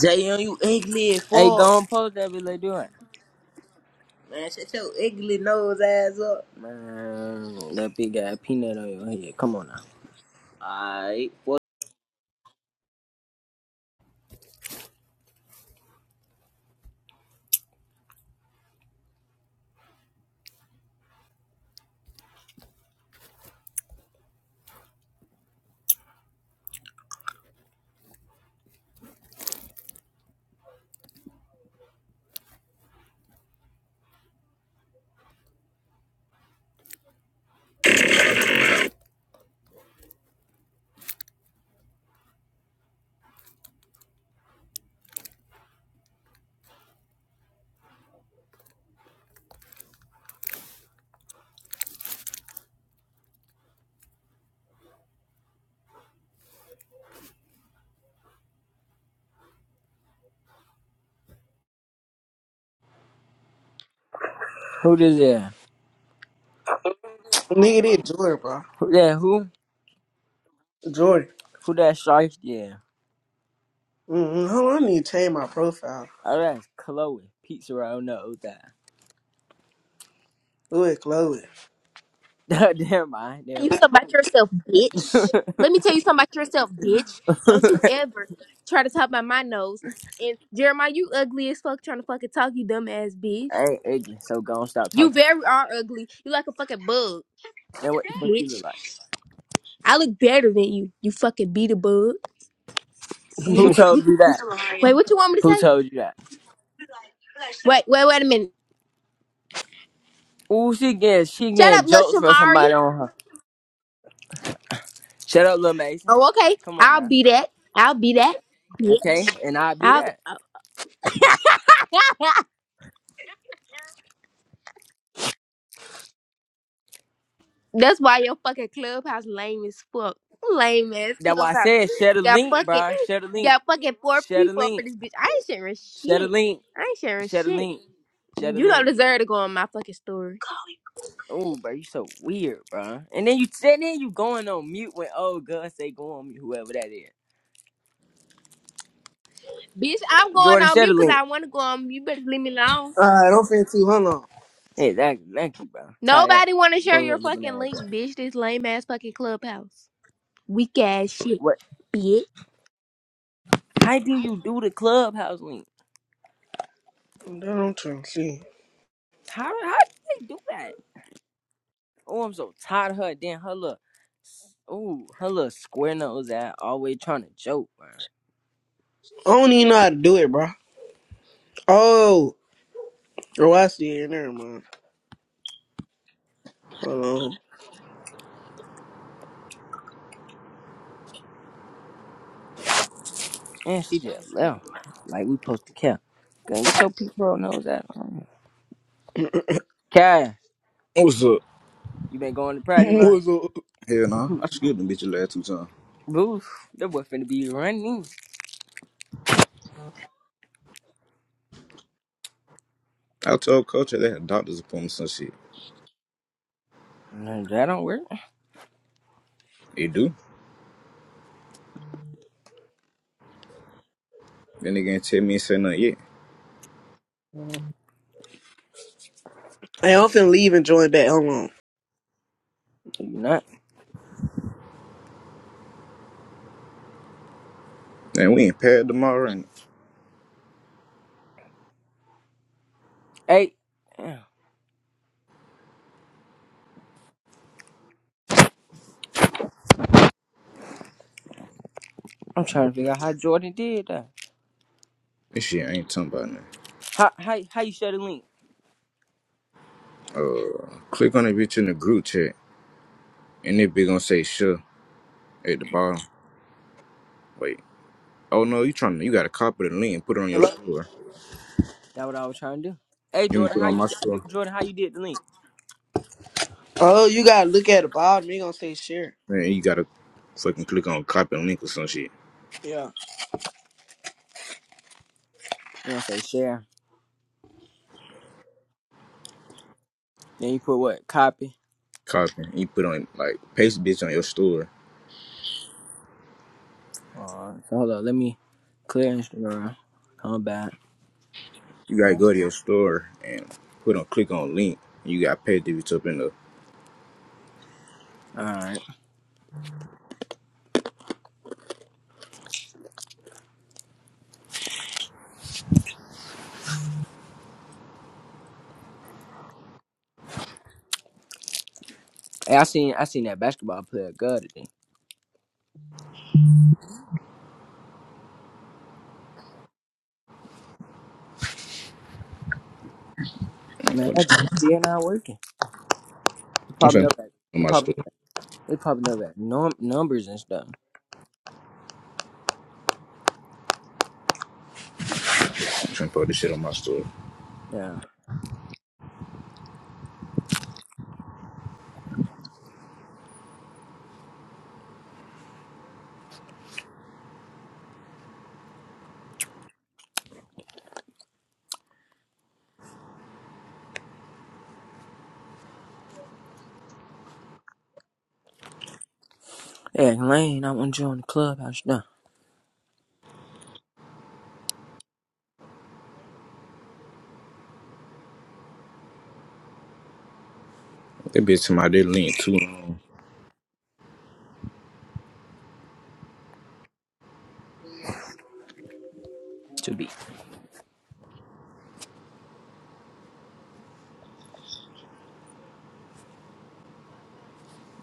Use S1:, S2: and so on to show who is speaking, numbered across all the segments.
S1: Jay, you ugly as
S2: Hey,
S1: fuck.
S2: go and post that bitch. like, us do it.
S1: Man, shut your ugly nose ass up.
S2: Man, that big guy peanut on your head. Come on now.
S1: Alright,
S2: Who this is?
S3: Nigga, did Jordan, bro.
S2: Who that? Who?
S3: Jordan.
S2: Who that? Shark? Yeah.
S3: Mm-hmm. Hold on, I need to change my profile.
S2: Oh, that's Chloe. Pizza roll. No,
S3: Do it, Chloe.
S2: that. never mind.
S4: tell
S2: Never
S4: you something
S2: mind.
S4: about yourself, bitch. Let me tell you something about yourself, bitch. Don't you ever try to talk about my nose. And Jeremiah, you ugly as fuck trying to fucking talk, you dumbass bitch.
S2: I ain't ignorant, so go and stop
S4: You
S2: talking.
S4: very are ugly. You like a fucking bug,
S2: And what the fuck you
S4: bitch.
S2: look like?
S4: I look better than you. You fucking beat a bug. Wait,
S2: Who
S4: what,
S2: told
S4: what,
S2: you that?
S4: what, wait, what you want me to
S2: Who
S4: say?
S2: told you that?
S4: Wait, wait, wait a minute.
S2: Ooh, she getting she
S4: Shut
S2: getting
S4: up,
S2: jokes
S4: little
S2: from
S4: Shamari.
S2: somebody on her. Shut up, little Mason.
S4: Oh, okay.
S2: Come on
S4: I'll
S2: now.
S4: be that. I'll be that,
S2: Okay,
S4: bitch.
S2: and I'll be
S4: I'll.
S2: that.
S4: That's why your fucking clubhouse lame as fuck. Lame ass
S2: That's why I
S4: clubhouse.
S2: said share the
S4: Got
S2: link,
S4: fucking
S2: bro. Share the link.
S4: got fucking four
S2: Share the
S4: people up in
S2: link.
S4: this bitch. I ain't sharing
S2: Share the
S4: shit.
S2: link.
S4: I ain't sharing
S2: Share the
S4: shit.
S2: link. Share the
S4: You don't
S2: link.
S4: deserve to go on my fucking story.
S2: Oh, bro, you so weird, bro. And then you and then you going on mute when old girl say go on mute, whoever that is.
S4: Bitch, I'm going
S2: Jordan,
S4: on
S2: share the
S4: mute because
S2: link.
S4: I want to go on mute. You better leave me alone.
S3: Alright, I'm finna see. Hold on.
S2: Exactly. Thank thank you, bro. Tie that
S4: Nobody want to share your
S2: bug looking
S4: fucking
S2: ass
S4: link,
S2: guy.
S4: bitch. This lame ass fucking clubhouse. Weak ass shit,
S2: What?
S4: bitch.
S2: How do you do the clubhouse link?
S3: That I'm trying to see.
S2: How how do they do that? Oh, I'm so tired of her. Then her look. Oh, her little square nose that always trying to joke, bro.
S3: I don't even know how to do it, bro. Oh. Oh, I see it. Never mind. Hold
S2: And she just left. Like we supposed to care. Gonna get your people nose out. Cash,
S5: What's up?
S2: you been going to
S3: on.
S2: practice, right?
S3: What's up?
S5: Hell nah. I screwed the bitch the last two times.
S2: Boof, that boy finna be running.
S5: I told coach they had doctor's appointments and shit.
S2: No, that don't work. No,
S5: They do. Then they gonna tell me and say nothing yet.
S3: Hey, I'm finna leave and join that. Hold on.
S2: you not.
S5: And we ain't paired tomorrow and
S2: Hey, damn, I'm trying to figure out how Jordan did that.
S5: this shit ain't talking about nothing.
S2: How how how you share the link?
S5: Uh click on the bitch in the group chat and it be gonna say sure at the bottom. Wait. Oh no, you trying to you gotta copy the link and put it on your
S3: Hello?
S5: store.
S2: That what I was trying to do. Hey
S5: You going
S2: Jordan,
S5: put it
S2: how
S5: on
S2: you
S5: my
S2: sh- d-
S5: store.
S2: Jordan how you did the link?
S3: Oh, you gotta look at the bottom. You gonna say share.
S5: Man, you gotta fucking click on copy the link or some shit.
S3: Yeah.
S2: You know, say share. Then you put what? Copy.
S5: Copy. You put on like paste bitch on your store
S2: Alright. So hold on, let me clear Instagram. Come back.
S5: You gotta
S2: Yeah.
S5: go to your store and put on click on link. you gotta pay to it's up in the.
S2: Alright. Hey, I seen I seen that basketball player good today.
S5: I'm
S2: Man,
S5: putting
S2: that junk
S5: this-
S2: still not working. They
S5: I'm
S2: popping
S5: finna
S2: up
S5: put this
S2: at.
S5: on
S2: They
S5: my
S2: popping up
S5: store.
S2: at. They popping up at. num- numbers and stuff.
S5: I'm finna put this shit on my store.
S2: Yeah. Yeah, Lane, I want to join the clubhouse now.
S5: That bitch to my they link too long.
S2: To be.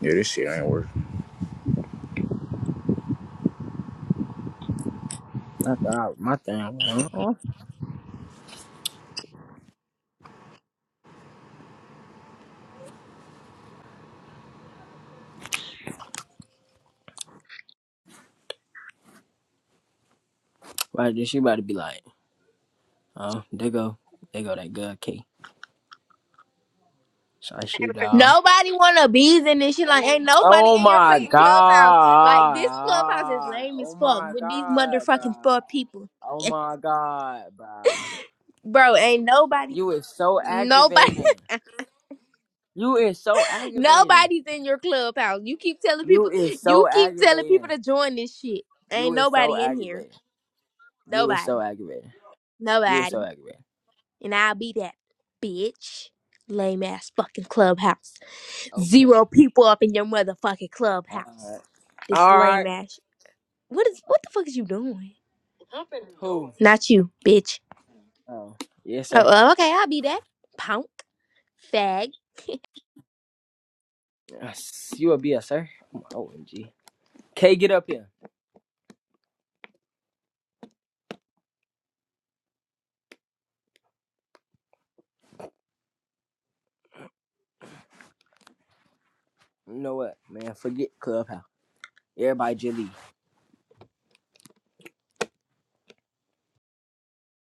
S5: Yeah, this shit ain't working.
S2: I thought my thing was, like, uh-uh. right? Then she about to be like, oh, there go, there go that good K. So I shit down.
S4: Nobody wanna be in this shit. Like, ain't nobody
S2: Oh
S4: in your
S2: my
S4: fucking clubhouse. Like, this clubhouse is
S2: god!
S4: lame
S2: Oh
S4: as fuck
S2: my
S4: with these
S2: god,
S4: motherfucking
S2: bro!
S4: four people.
S2: Oh
S4: Eh,
S2: my god, bro!
S4: Bro, ain't nobody,
S2: You is so
S4: nobody,
S2: aggravating. You is so aggravating.
S4: nobody's in your clubhouse. You keep telling people,
S2: You is
S4: you
S2: so
S4: keep telling
S2: aggravating.
S4: people to join this shit.
S2: You
S4: Ain't
S2: were so
S4: nobody in here.
S2: aggravated. You were so
S4: Nobody,
S2: aggravated. You were so
S4: nobody,
S2: aggravated.
S4: and I'll be that bitch. Lame ass fucking clubhouse.
S2: Okay.
S4: Zero people up in your motherfucking
S2: All right.
S4: clubhouse. This
S2: All
S4: lame
S2: right.
S4: ass. What is? What the fuck is you doing?
S2: Who?
S4: Not you, bitch.
S2: Oh, yes,
S4: Oh,
S2: sir.
S4: oh, okay, I'll be that. Punk. Fag.
S2: Uh, You will be a sir. OMG. K, get up here. You know what, man? Forget Clubhouse. Everybody, just leave.